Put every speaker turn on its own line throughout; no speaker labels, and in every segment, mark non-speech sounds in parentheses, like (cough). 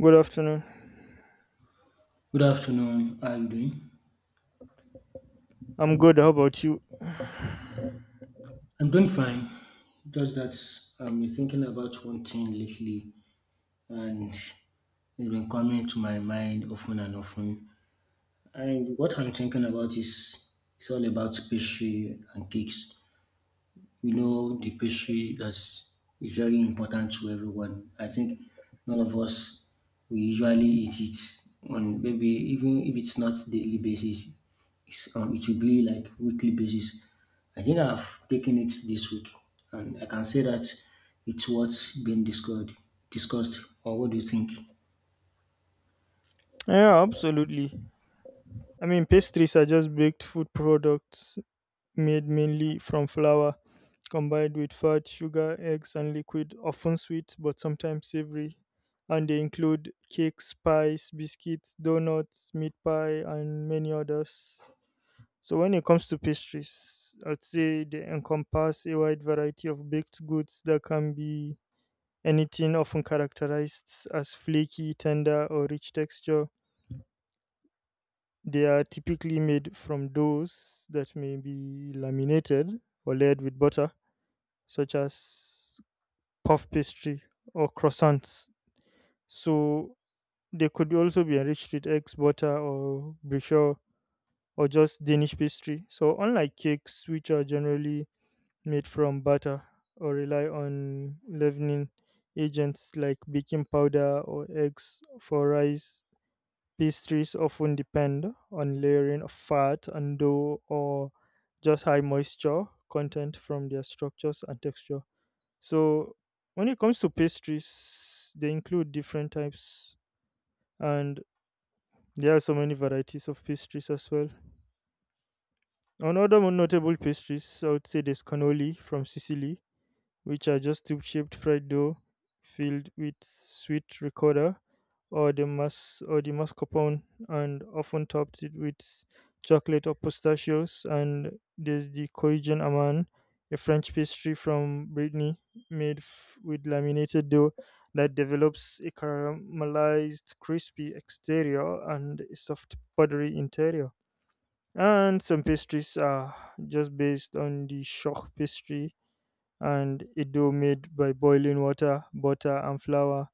Good afternoon.
Good afternoon. How are you doing?
I'm good. How about you?
I'm doing fine. Just that I've been thinking about one thing lately, and it's been coming to my mind often and often. And what I'm thinking about is it's all about pastry and cakes. You know, the pastry that's is very important to everyone. I think none of us we usually eat it on, maybe even if it's not daily basis, it will be like weekly basis. I think I've taken it this week, and I can say that it's what's been discussed. Discussed, or what do you think?
Yeah, absolutely. I mean, pastries are just baked food products made mainly from flour, combined with fat, sugar, eggs, and liquid, often sweet but sometimes savory. And they include cakes, pies, biscuits, donuts, meat pie, and many others. So, when it comes to pastries, I'd say they encompass a wide variety of baked goods that can be anything often characterized as flaky, tender, or rich texture. They are typically made from doughs that may be laminated or layered with butter, such as puff pastry or croissants. So they could also be enriched with eggs, butter, or brioche, or just Danish pastry. So unlike cakes, which are generally made from batter or rely on leavening agents like baking powder or eggs for rice. Pastries often depend on layering of fat and dough or just high moisture content from their structures and texture. So, when it comes to pastries, they include different types and there are so many varieties of pastries as well. On other more notable pastries, I would say there's cannoli from Sicily, which are just tube shaped fried dough filled with sweet ricotta or the mascarpone and often topped it with chocolate or pistachios, and there's the Korean aman, a French pastry from Brittany, made with laminated dough that develops a caramelized crispy exterior and a soft buttery interior. And some pastries are just based on the shock pastry, and a dough made by boiling water, butter, and flour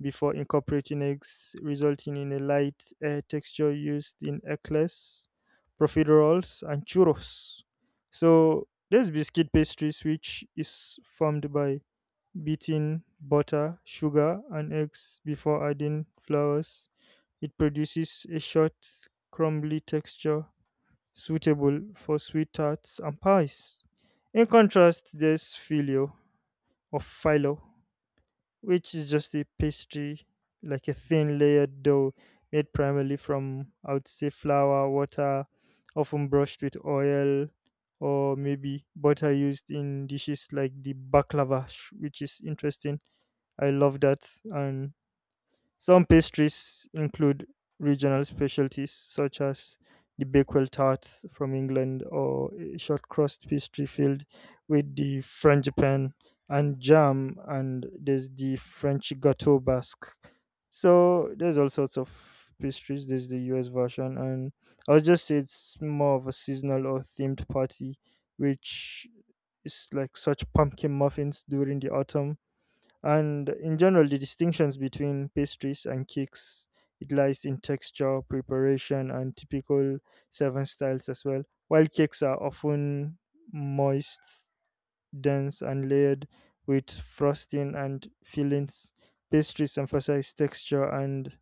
before incorporating eggs, resulting in a light air texture used in eclairs, profiteroles, and churros. So there's biscuit pastries, which is formed by beating butter, sugar, and eggs before adding flours. It produces a short, crumbly texture suitable for sweet tarts and pies. In contrast, there's filo, or phyllo, which is just a pastry, like a thin layered dough made primarily from, I would say, flour, water, often brushed with oil, or maybe butter used in dishes like the baklava, which is interesting. I love that. And some pastries include regional specialties such as the Bakewell tarts from England or a short crust pastry filled with the frangipane and jam, and there's the French gâteau basque. So there's all sorts of pastries. There's the US version, and I would just say it's more of a seasonal or themed party, which is like such pumpkin muffins during the autumn. And in general, the distinctions between pastries and cakes, it lies in texture, preparation, and typical serving styles as well. While cakes are often moist, dense, and layered with frosting and fillings, pastries emphasize texture and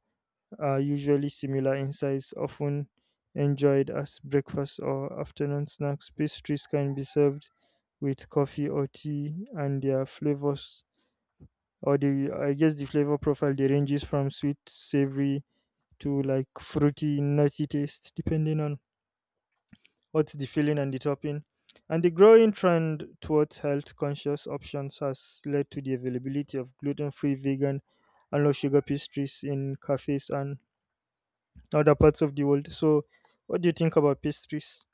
are usually similar in size, often enjoyed as breakfast or afternoon snacks. Pastries can be served with coffee or tea, and their flavors, or the, I guess, the flavor profile, they ranges from sweet, savory to like fruity, nutty taste, depending on what's the filling and the topping. And the growing trend towards health conscious options has led to the availability of gluten free, vegan, and low sugar pastries in cafes and other parts of the world. So, what do you think about pastries?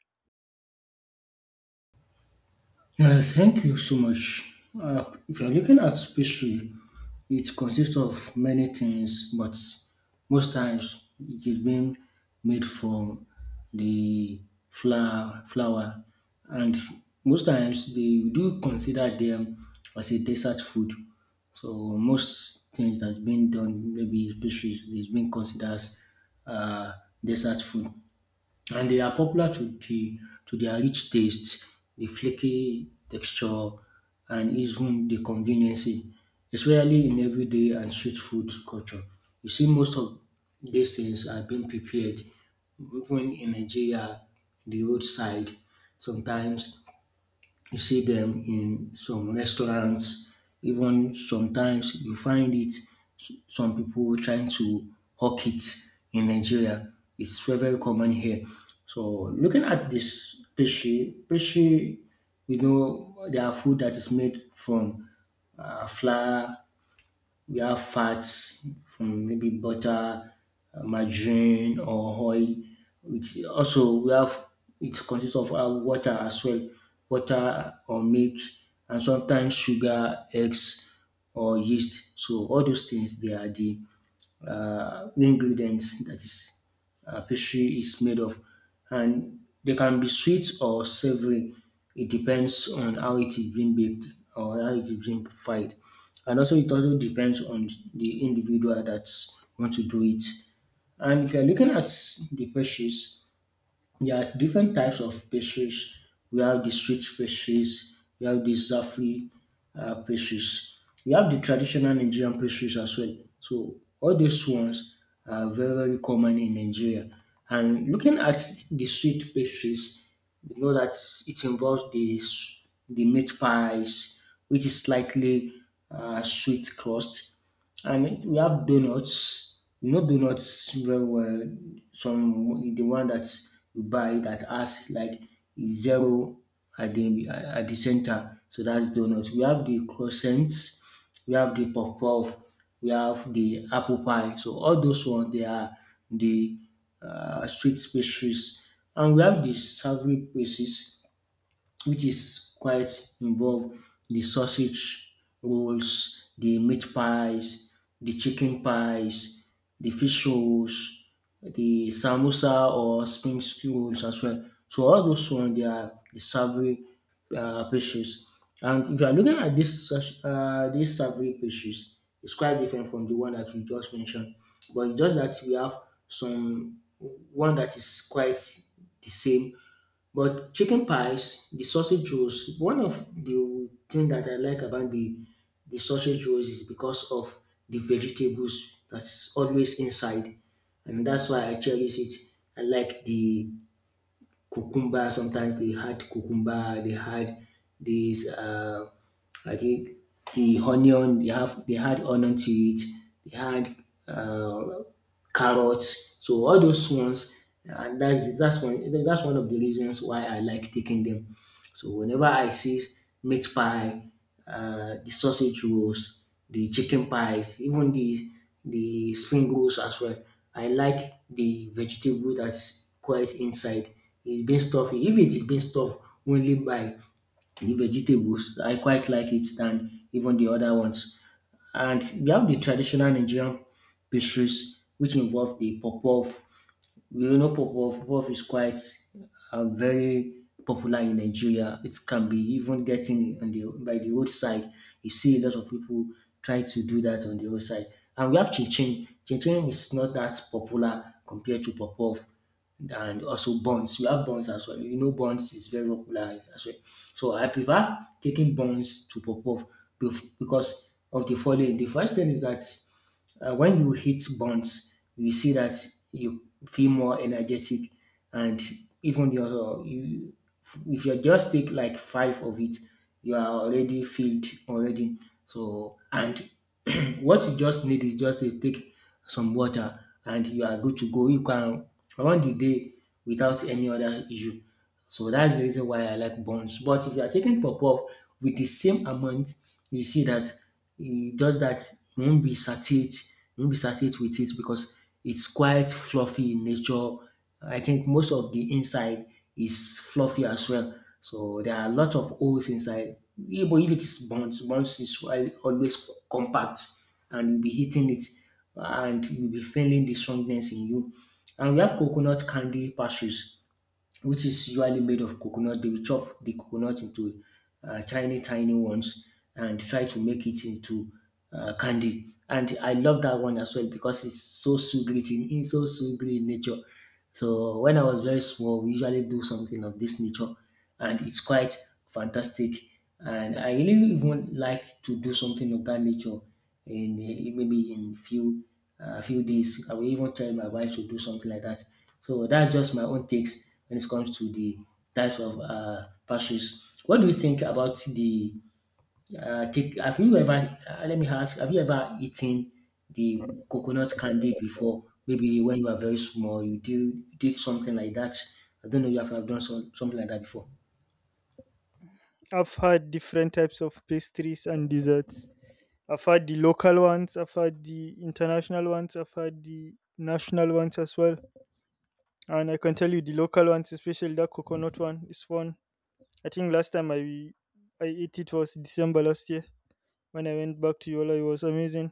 Thank you so much. If you're looking at pastry, it consists of many things, but most times it is being made from the flour, and most times they do consider them as a dessert food. So most things that's been done, maybe pastries, is being considered as uh, dessert food, and they are popular to their rich taste, the flaky texture, and even the conveniency, especially in everyday and street food culture. You see, most of these things are being prepared even in Nigeria, the roadside. Sometimes you see them in some restaurants. Even sometimes you find it some people trying to hawk it in Nigeria. It's very, very common here. So looking at this peshi, there are food that is made from flour. We have fats from maybe butter, margarine or oil. It also we have it consists of water as well, water or milk, and sometimes sugar, eggs or yeast. So all those things they are the ingredients that is, pastry is made of, and they can be sweet or savory. It depends on how it is being baked or how it is being fried, and also it also depends on the individual that want to do it. And if you are looking at the pastries, there are different types of pastries. We have the sweet pastries, we have the Zafri pastries, we have the traditional Nigerian pastries as well. So all these ones are very, very common in Nigeria. And looking at the sweet pastries, you know that it involves the, the meat pies, which is slightly sweet crust. And we have donuts. You know donuts very well. Some, the one that you buy that has like zero at the center. So that's donuts. We have the croissants. We have the puff puff. We have the apple pie. So all those ones they are the street pastries, and we have the savory places which is quite involved the sausage rolls, the meat pies, the chicken pies, the fish rolls, the samosa or spring rolls as well. So all those ones they are the savory pastries. And if you are looking at these savory pastries, it's quite different from the one that we just mentioned. But it's just that we have some one that is quite the same, but chicken pies, the sausage rolls, one of the thing that I like about the sausage rolls is because of the vegetables that's always inside, and that's why I cherish it. I like the cucumber. Sometimes they had cucumber. They had this. I think the onion. They had onion to it. They had uh, carrots. So all those ones, and that's one of the reasons why I like taking them. So whenever I see meat pie, the sausage rolls, the chicken pies, even the spring rolls as well, I like the vegetable that's quite inside. It's been stuffed. If it is been stuffed only by the vegetables, I quite like it than even the other ones. And we have the traditional Nigerian pastries, which involve the puff puff. Puff puff is quite very popular in Nigeria. It can be even getting on the by the roadside. You see a lot of people try to do that on the roadside. And we have chin chin. Chin chin is not that popular compared to puff puff, and also buns. We have buns as well. You know, buns is very popular as well. So I prefer taking buns to puff puff because of the following. The first thing is that when you hit bonds, you see that you feel more energetic, and even if you just take like five of it, you are already filled already. So, and (clears throat) what you just need is just to take some water, and you are good to go. You can run the day without any other issue. So that's the reason why I like buns. But if you are taking puff puff with the same amount, you see that it does that you won't be satiate, you won't be satiate with it because it's quite fluffy in nature. I think most of the inside is fluffy as well. So there are a lot of holes inside. Yeah. But if it is buns, buns is always compact, and you'll be hitting it and you'll be feeling the strongness in you. And we have coconut candy pastries, which is usually made of coconut. They will chop the coconut into tiny, tiny ones and try to make it into candy. And I love that one as well because it's so sugary in nature. So when I was very small, we usually do something of this nature, and it's quite fantastic. And I really even like to do something of that nature in, maybe in few days. I will even tell my wife to do something like that. So that's just my own takes when it comes to the types of pastries. What do you think about the take, let me ask, have you ever eaten the coconut candy before? Maybe when you were very small, you did, something like that. I don't know if you have done something like that before.
I've had different types of pastries and desserts. I've had the local ones, I've had the international ones, I've had the national ones as well. And I can tell you the local ones, especially that coconut one, is fun. I think last time I ate it was December last year when I went back to Yola. It was amazing.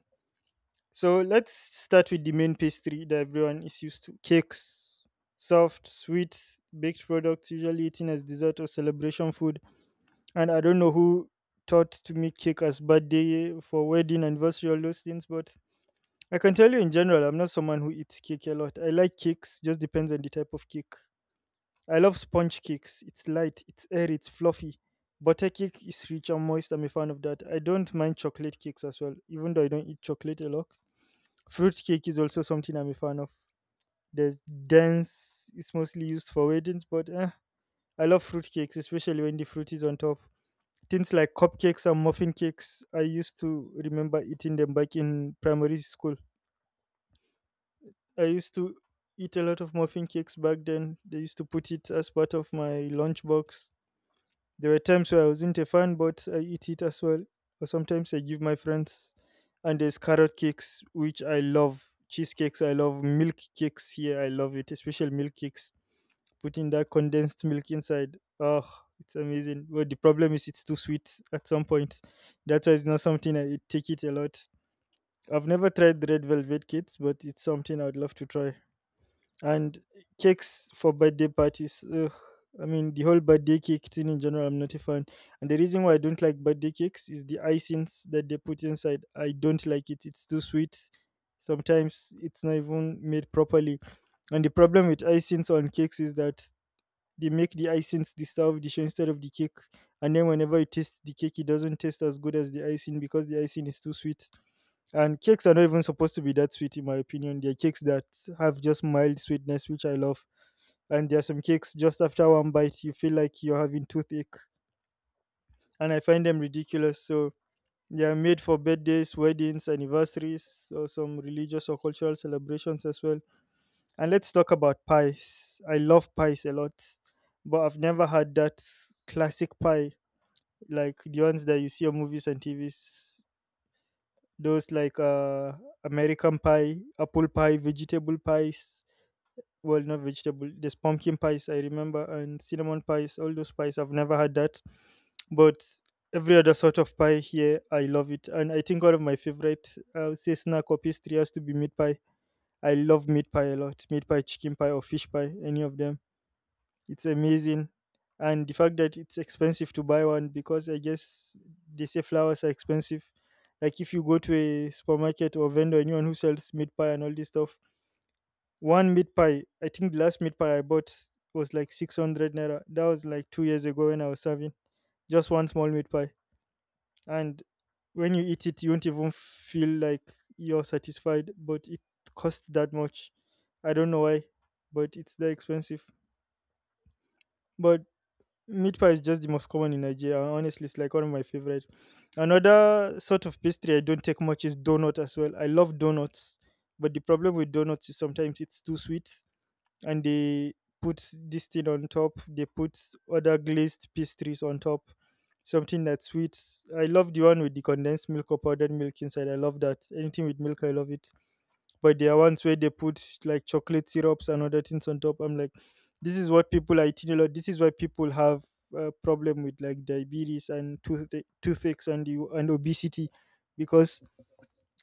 So let's start with the main pastry that everyone is used to: cakes, soft, sweet, baked products, usually eaten as dessert or celebration food. And I don't know who taught to make cake as birthday for wedding anniversary all those things, but I can tell you in general, I'm not someone who eats cake a lot. I like cakes, just depends on the type of cake. I love sponge cakes. It's light, it's airy, it's fluffy. Butter cake is rich and moist. I'm a fan of that. I don't mind chocolate cakes as well, even though I don't eat chocolate a lot. Fruit cake is also something I'm a fan of. There's dense, it's mostly used for weddings, but eh, I love fruit cakes, especially when the fruit is on top. Things like cupcakes and muffin cakes, I used to remember eating them back in primary school. I used to eat a lot of muffin cakes back then. They used to put it as part of my lunchbox. There were times where I wasn't a fan, but I eat it as well. Or sometimes I give my friends. And there's carrot cakes, which I love. Cheesecakes, I love. Milk cakes here, I love it. Especially milk cakes. Putting that condensed milk inside. Oh, it's amazing. But the problem is it's too sweet at some point. That's why it's not something I take it a lot. I've never tried the red velvet cakes, but it's something I'd love to try. And cakes for birthday parties, ugh, I mean the whole birthday cake thing in general, I'm not a fan. And the reason why I don't like birthday cakes is the icings that they put inside. I don't like it, it's too sweet. Sometimes it's not even made properly. And the problem with icings on cakes is that they make the icings the star of the show instead of the cake. And then whenever you taste the cake, it doesn't taste as good as the icing because the icing is too sweet. And cakes are not even supposed to be that sweet, in my opinion. They're cakes that have just mild sweetness, which I love. And there are some cakes just after one bite, you feel like you're having toothache. And I find them ridiculous. So they are made for birthdays, weddings, anniversaries, or some religious or cultural celebrations as well. And let's talk about pies. I love pies a lot, but I've never had that classic pie like the ones that you see on movies and TVs. Those like American pie, apple pie, vegetable pies, well not vegetable, there's pumpkin pies I remember, and cinnamon pies. All those pies I've never had that. But every other sort of pie here I love it, and I think one of my favorite, I would say snack or pastry, has to be meat pie. I love meat pie a lot. Meat pie, chicken pie, or fish pie, any of them, it's amazing. And the fact that it's expensive to buy one because I guess they say flowers are expensive. Like if you go to a supermarket or vendor, anyone who sells meat pie and all this stuff, one meat pie, I think the last meat pie I bought was like 600 naira. That was like 2 years ago when I was serving. Just one small meat pie. And when you eat it, you won't even feel like you're satisfied, but it costs that much. I don't know why, but it's that expensive. But meat pie is just the most common in Nigeria. Honestly, it's like one of my favorite. Another sort of pastry I don't take much is donut as well. I love donuts, but the problem with donuts is sometimes it's too sweet, and they put this thing on top. They put other glazed pastries on top, something that's sweet. I love the one with the condensed milk or powdered milk inside. I love that. Anything with milk, I love it. But there are ones where they put like chocolate syrups and other things on top. I'm like, this is what people are eating a lot. This is why people have a problem with like diabetes and toothaches and you and obesity, because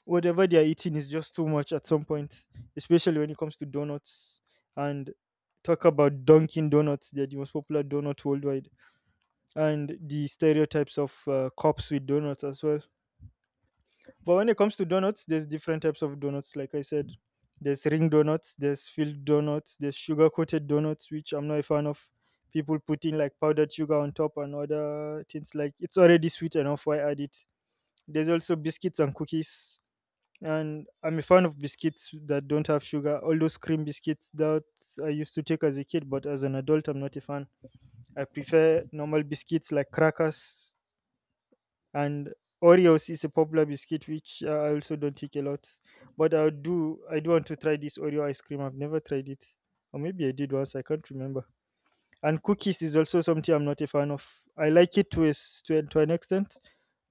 whatever they are eating is just too much at some point, especially when it comes to donuts. And talk about Dunkin' Donuts; they're the most popular donut worldwide, and the stereotypes of cops with donuts as well. But when it comes to donuts, there's different types of donuts. Like I said, there's ring donuts, there's filled donuts, there's sugar coated donuts, which I'm not a fan of. People putting like powdered sugar on top and other things, like it's already sweet enough. Why add it? There's also biscuits and cookies, and I'm a fan of biscuits that don't have sugar. All those cream biscuits that I used to take as a kid, but as an adult, I'm not a fan. I prefer normal biscuits like crackers, and Oreos is a popular biscuit which I also don't take a lot. But I do want to try this Oreo ice cream. I've never tried it, or maybe I did once. I can't remember. And cookies is also something I'm not a fan of. I like it to a, s- to, a- to an extent,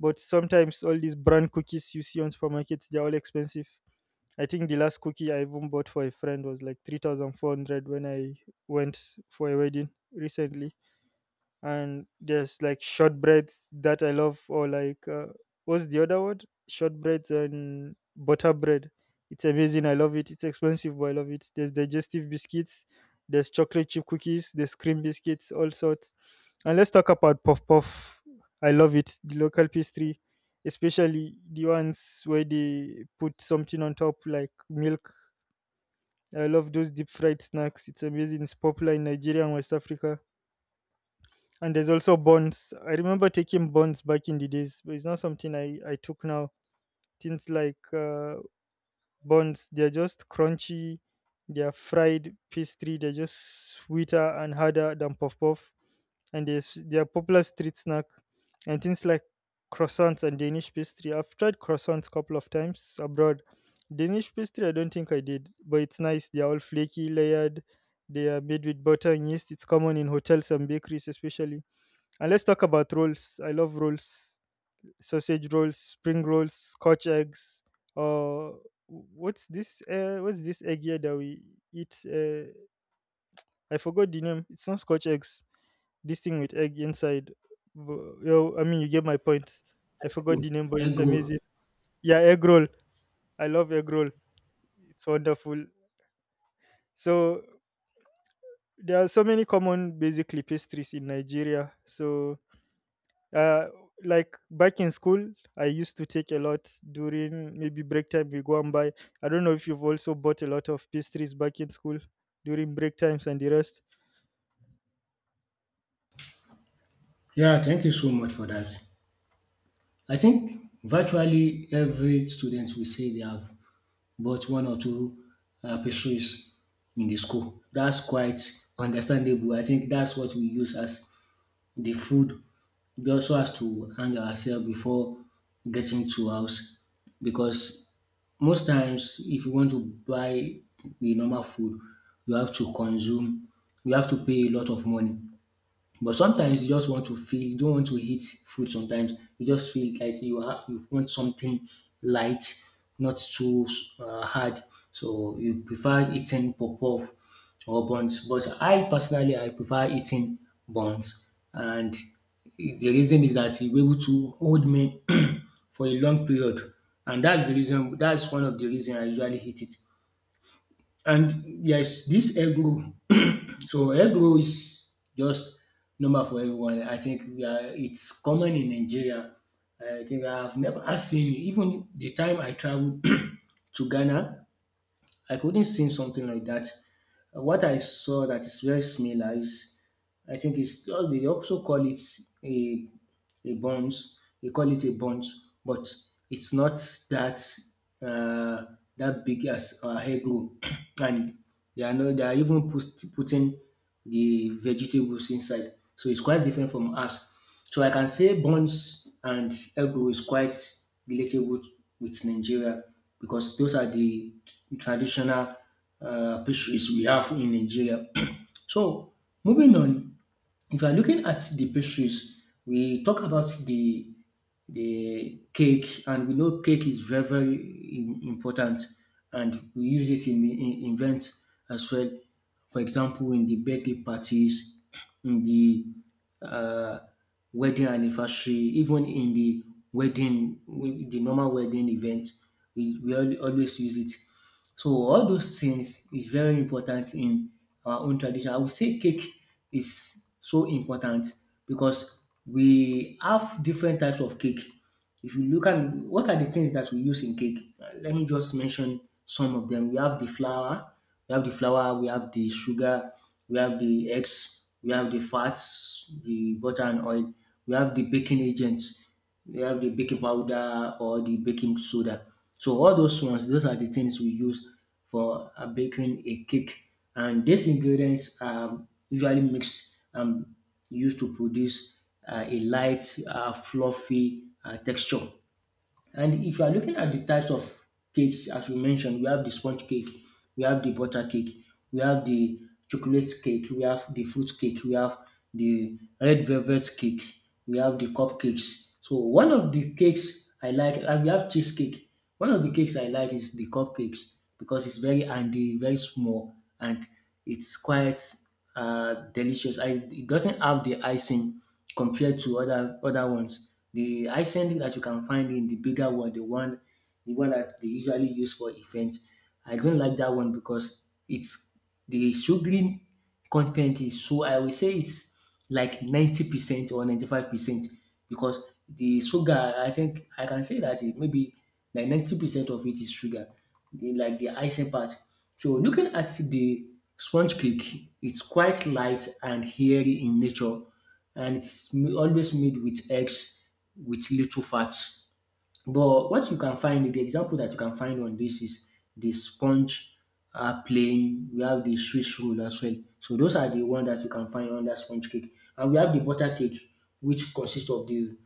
but sometimes all these brand cookies you see on supermarkets, they're all expensive. I think the last cookie I even bought for a friend was like 3,400 when I went for a wedding recently, and there's like shortbreads that I love, or what's the other word? Shortbreads and butter bread. It's amazing. I love it. It's expensive, but I love it. There's digestive biscuits. There's chocolate chip cookies. There's cream biscuits, all sorts. And let's talk about puff puff. I love it. The local pastry, especially the ones where they put something on top like milk. I love those deep fried snacks. It's amazing. It's popular in Nigeria and West Africa, and there's also bonds. I remember taking bonds back in the days, but it's not something I took now. Things like bonds, they're just crunchy, they're fried pastry, they're just sweeter and harder than puff puff, and they're popular street snack, and things like croissants and Danish pastry. I've tried croissants a couple of times abroad. Danish pastry, I don't think I did, but it's nice. They're all flaky, layered. They are made with butter and yeast. It's common in hotels and bakeries, especially. And let's talk about rolls. I love rolls, sausage rolls, spring rolls, Scotch eggs. Uh, what's this? What's this egg here that we eat? I forgot the name. It's not Scotch eggs. This thing with egg inside. Yo, you get my point. I forgot the name, but it's
Good.
amazing. Yeah, egg roll. I love egg roll. It's wonderful. So there are so many common, basically, pastries in Nigeria. Uh like back in school, I used to take a lot during maybe break time, we go and buy. I don't know if you've also bought a lot of pastries back in school during break times and the rest.
Yeah, thank you so much for that. I think virtually every student will say they have bought one or two pastries in the school. That's quite understandable. I think that's what we use as the food. We also has to hang ourselves before getting to house, because most times if you want to buy the normal food, you have to pay a lot of money. But sometimes you just want to feel, you don't want to eat food sometimes. You just feel like you want something light, not too hard. So you prefer eating puff-puff or buns. But I personally, I prefer eating buns. And the reason is that you're able to hold me (clears throat) for a long period. And that's the reason, that's one of the reason I usually eat it. And yes, this egg roll. (clears throat) So egg roll is just normal for everyone. I think we are, it's common in Nigeria. I think I've never I've seen it. Even the time I traveled (clears throat) to Ghana, I couldn't see something like that. What I saw that is very similar is, I think it's, oh, they also call it a a buns, they call it a buns, but it's not that uh, that big as egg roll, (clears throat) and they are no, they are even putting the vegetables inside, so it's quite different from us. So I can say buns and egg roll is quite relatable with Nigeria because those are the traditional pastries we have in Nigeria. (clears throat) So moving on. If you are looking at the pastries, we talk about the cake, and we know cake is very very important, and we use it in events as well. For example, in the birthday parties, in the uh, wedding anniversary, even in the wedding, the normal wedding event, we always use it. So all those things is very important in our own tradition. I would say cake is so important because we have different types of cake. If you look at what are the things that we use in cake, let me just mention some of them. We have the flour, we have the sugar, we have the eggs, we have the fats, the butter and oil, we have the baking agents, we have the baking powder or the baking soda. So all those ones, those are the things we use for baking a cake. And these ingredients are usually mixed and used to produce a light, fluffy texture. And if you are looking at the types of cakes, as we mentioned, we have the sponge cake, we have the butter cake, we have the chocolate cake, we have the fruit cake, we have the red velvet cake, we have the cupcakes. So one of the cakes I like, and we have cheesecake. One of the cakes I like is the cupcakes because it's very handy, very small, and it's quite delicious. I, it doesn't have the icing compared to other ones. The icing that you can find in the bigger one, the one that they usually use for events, I don't like that one because it's the sugary content is so I will say it's like 90% or 95% because the sugar I think I can say that it maybe like 90% of it is sugar the like the icing part. So looking at the sponge cake, it's quite light and hairy in nature, and always made with eggs with little fat. But what you can find, the example that you can find on this is the sponge plain. We have the Swiss roll as well. So those are the one that you can find under sponge cake, and we have the butter cake, which consists of the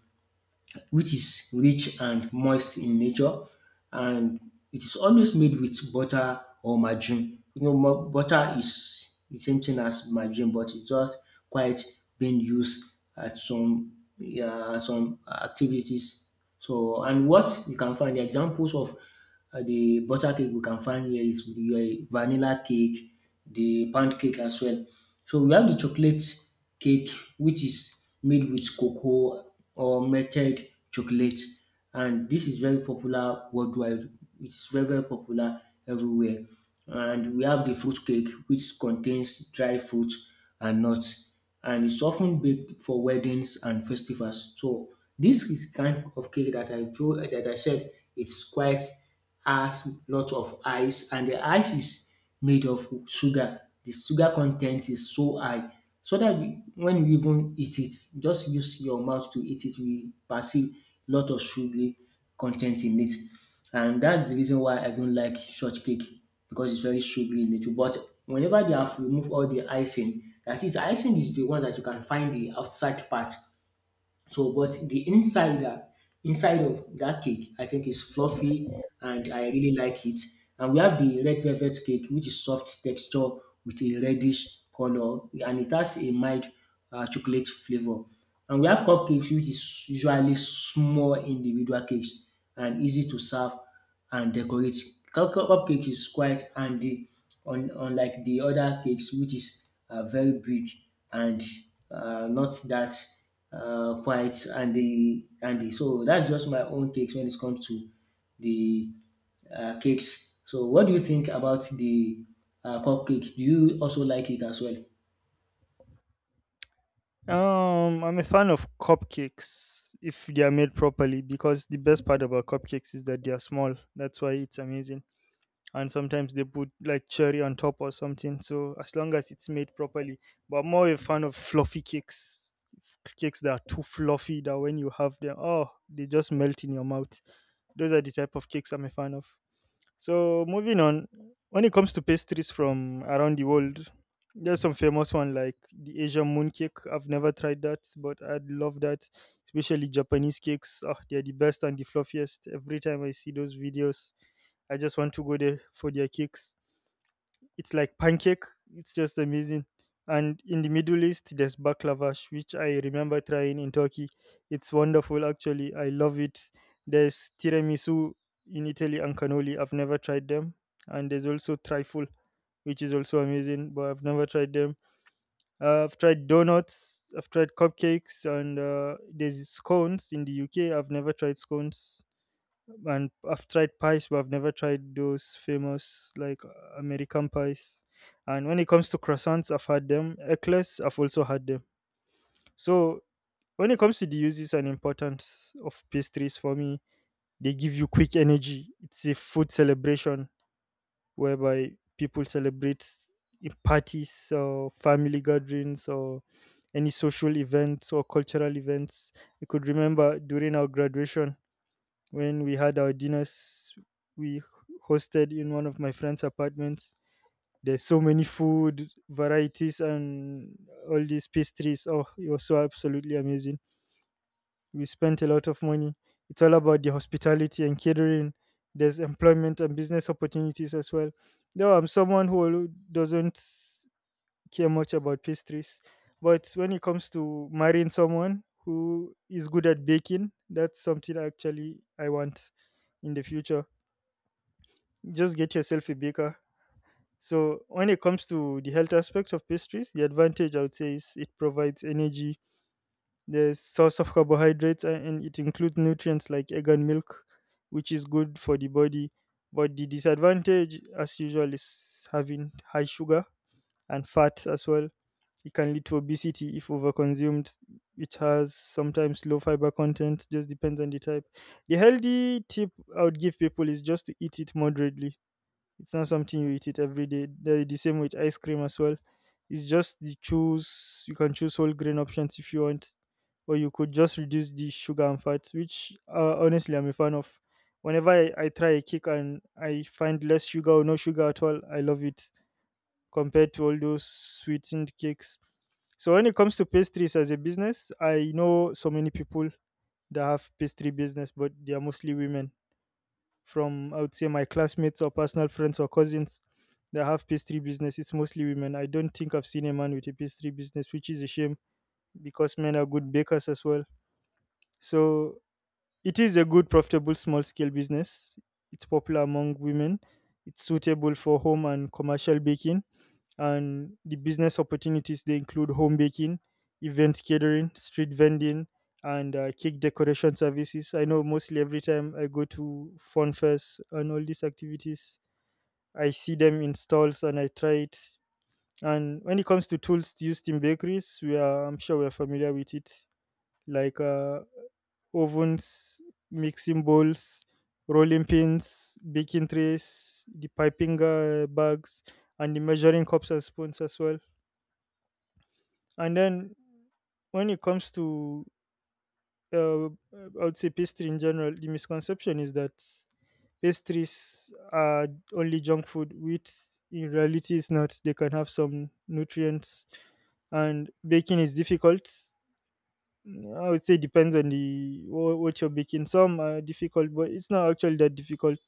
which is rich and moist in nature, and it is always made with butter or margarine. You know, butter is the same thing as margarine, but it's just quite being used at some yeah, some activities. So, and what you can find the examples of the butter cake we can find here is the vanilla cake, the pound cake as well. So we have the chocolate cake, which is made with cocoa or melted chocolate, and this is very popular worldwide. It's very popular everywhere. And we have the fruit cake, which contains dry fruit and nuts and it's often baked for weddings and festivals. So this is kind of cake that I told that I said it's quite has lot of ice and the ice is made of sugar. The sugar content is so high so that when you even eat it, just use your mouth to eat it. We perceive lot of sugar content in it. And that's the reason why I don't like shortcake because it's very sugary in nature. But whenever they have removed all the icing, that is, icing is the one that you can find the outside part. So, but the insider inside of that cake, I think is fluffy, and I really like it. And we have the red velvet cake, which is soft texture with a reddish color, and it has a mild chocolate flavor. And we have cupcakes, which is usually small individual cakes and easy to serve and decorate. Cupcake is quite handy un unlike the other cakes which is very big and not that quite handy. So that's just my own takes when it comes to the cakes. So what do you think about the cupcake? Do you also like it as well?
I'm a fan of cupcakes if they are made properly, because the best part about cupcakes is that they are small. That's why it's amazing, and sometimes they put like cherry on top or something. So as long as it's made properly, but I'm more a fan of fluffy cakes, cakes that are too fluffy that when you have them, oh, they just melt in your mouth. Those are the type of cakes I'm a fan of. So moving on, when it comes to pastries from around the world, there's some famous one like the Asian moon cake. I've never tried that, but I'd love that. Especially Japanese cakes. Ah, they're the best and the fluffiest. Every time I see those videos, I just want to go there for their cakes. It's like pancake. It's just amazing. And in the Middle East, there's baklavash, which I remember trying in Turkey. It's wonderful, actually. I love it. There's tiramisu in Italy and cannoli. I've never tried them. And there's also trifle, which is also amazing, but I've never tried them. I've tried donuts. I've tried cupcakes, and there's scones in the UK. I've never tried scones, and I've tried pies, but I've never tried those famous American pies. And when it comes to croissants, I've had them. Eclairs, I've also had them. So when it comes to the uses and importance of pastries for me, they give you quick energy. It's a food celebration whereby people celebrate in parties or family gatherings or any social events or cultural events. You could remember during our graduation when we had our dinners, we hosted in one of my friend's apartments. There's so many food varieties and all these pastries, oh, it was so absolutely amazing. We spent a lot of money. It's all about the hospitality and catering. There's employment and business opportunities as well, though I'm someone who doesn't care much about pastries. But when it comes to marrying someone who is good at baking, that's something actually I want in the future. Just get yourself a baker. So when it comes to the health aspect of pastries, the advantage I would say is it provides energy, the source of carbohydrates, and it includes nutrients like egg and milk, which is good for the body. But the disadvantage, as usual, is having high sugar and fat as well. It can lead to obesity if overconsumed. It has sometimes low fiber content, just depends on the type. The healthy tip I would give people is just to eat it moderately. It's not something you eat it every day. The, same with ice cream as well. It's just the choose you can choose whole grain options if you want, or you could just reduce the sugar and fat, which honestly I'm a fan of. Whenever I try a cake and I find less sugar or no sugar at all, I love it compared to all those sweetened cakes. So when it comes to pastries as a business, I know so many people that have pastry business, but they are mostly women, from I would say my classmates or personal friends or cousins that have pastry business. It's mostly women. I don't think I've seen a man with a pastry business, which is a shame because men are good bakers as well. So it is a good, profitable, small scale business. It's popular among women. It's suitable for home and commercial baking, and the business opportunities they include home baking, event catering, street vending, and cake decoration services. I know mostly every time I go to fun fairs and all these activities, I see them in stalls and I try it. And when it comes to tools used in bakeries, we are I'm sure we're familiar with it, like ovens, mixing bowls, rolling pins, baking trays, the piping bags, and the measuring cups and spoons as well. And then when it comes to, I would say pastry in general, the misconception is that pastries are only junk food, which in reality is not. They can have some nutrients, and baking is difficult. I would say depends on the what you're baking. Some are difficult, but it's not actually that difficult.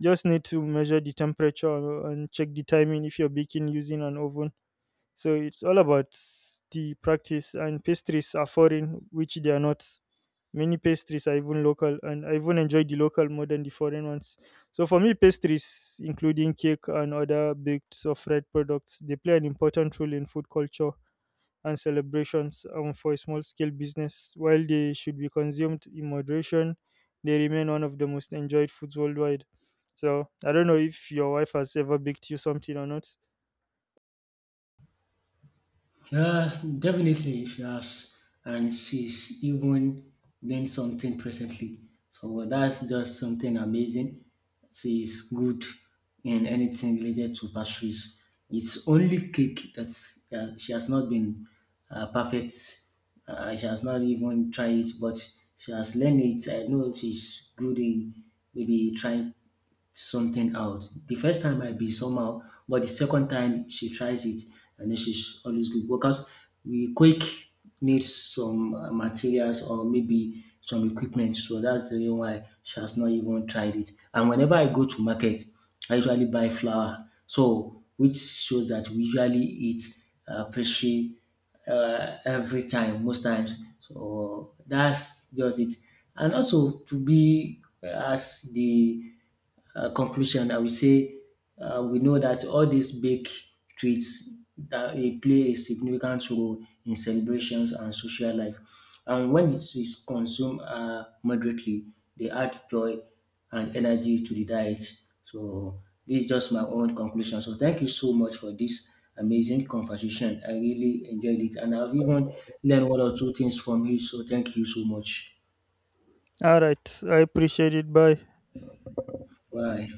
Just need to measure the temperature and check the timing if you're baking using an oven, so it's all about the practice, and pastries are foreign, which they are not. Many pastries are even local, and I even enjoy the local more than the foreign ones. So for me, pastries, including cake and other baked or fried products, they play an important role in food culture and celebrations and for a small-scale business. While they should be consumed in moderation, they remain one of the most enjoyed foods worldwide. So I don't know if your wife has ever baked you something or not.
Yeah, definitely she has, and she's even doing something presently. So that's just something amazing. She's good in anything related to pastries. It's only cake that she has not been perfect. She has not even tried it, but she has learned it. I know she's good in maybe trying something out. The first time might be somehow, but the second time she tries it, and then she's always good because we quick needs some materials or maybe some equipment. So that's the reason why she has not even tried it. And whenever I go to market, I usually buy flour. So which shows that we usually eat pastry every time, most times. So that's just it. And also to be as the conclusion, I will say we know that all these big treats that they play a significant role in celebrations and social life. And when it is consumed moderately, they add joy and energy to the diet. So this is just my own conclusion. So thank you so much for this amazing conversation. I really enjoyed it, and I've even learned one or two things from you. So thank you so much.
All right, I appreciate it. Bye.
Bye.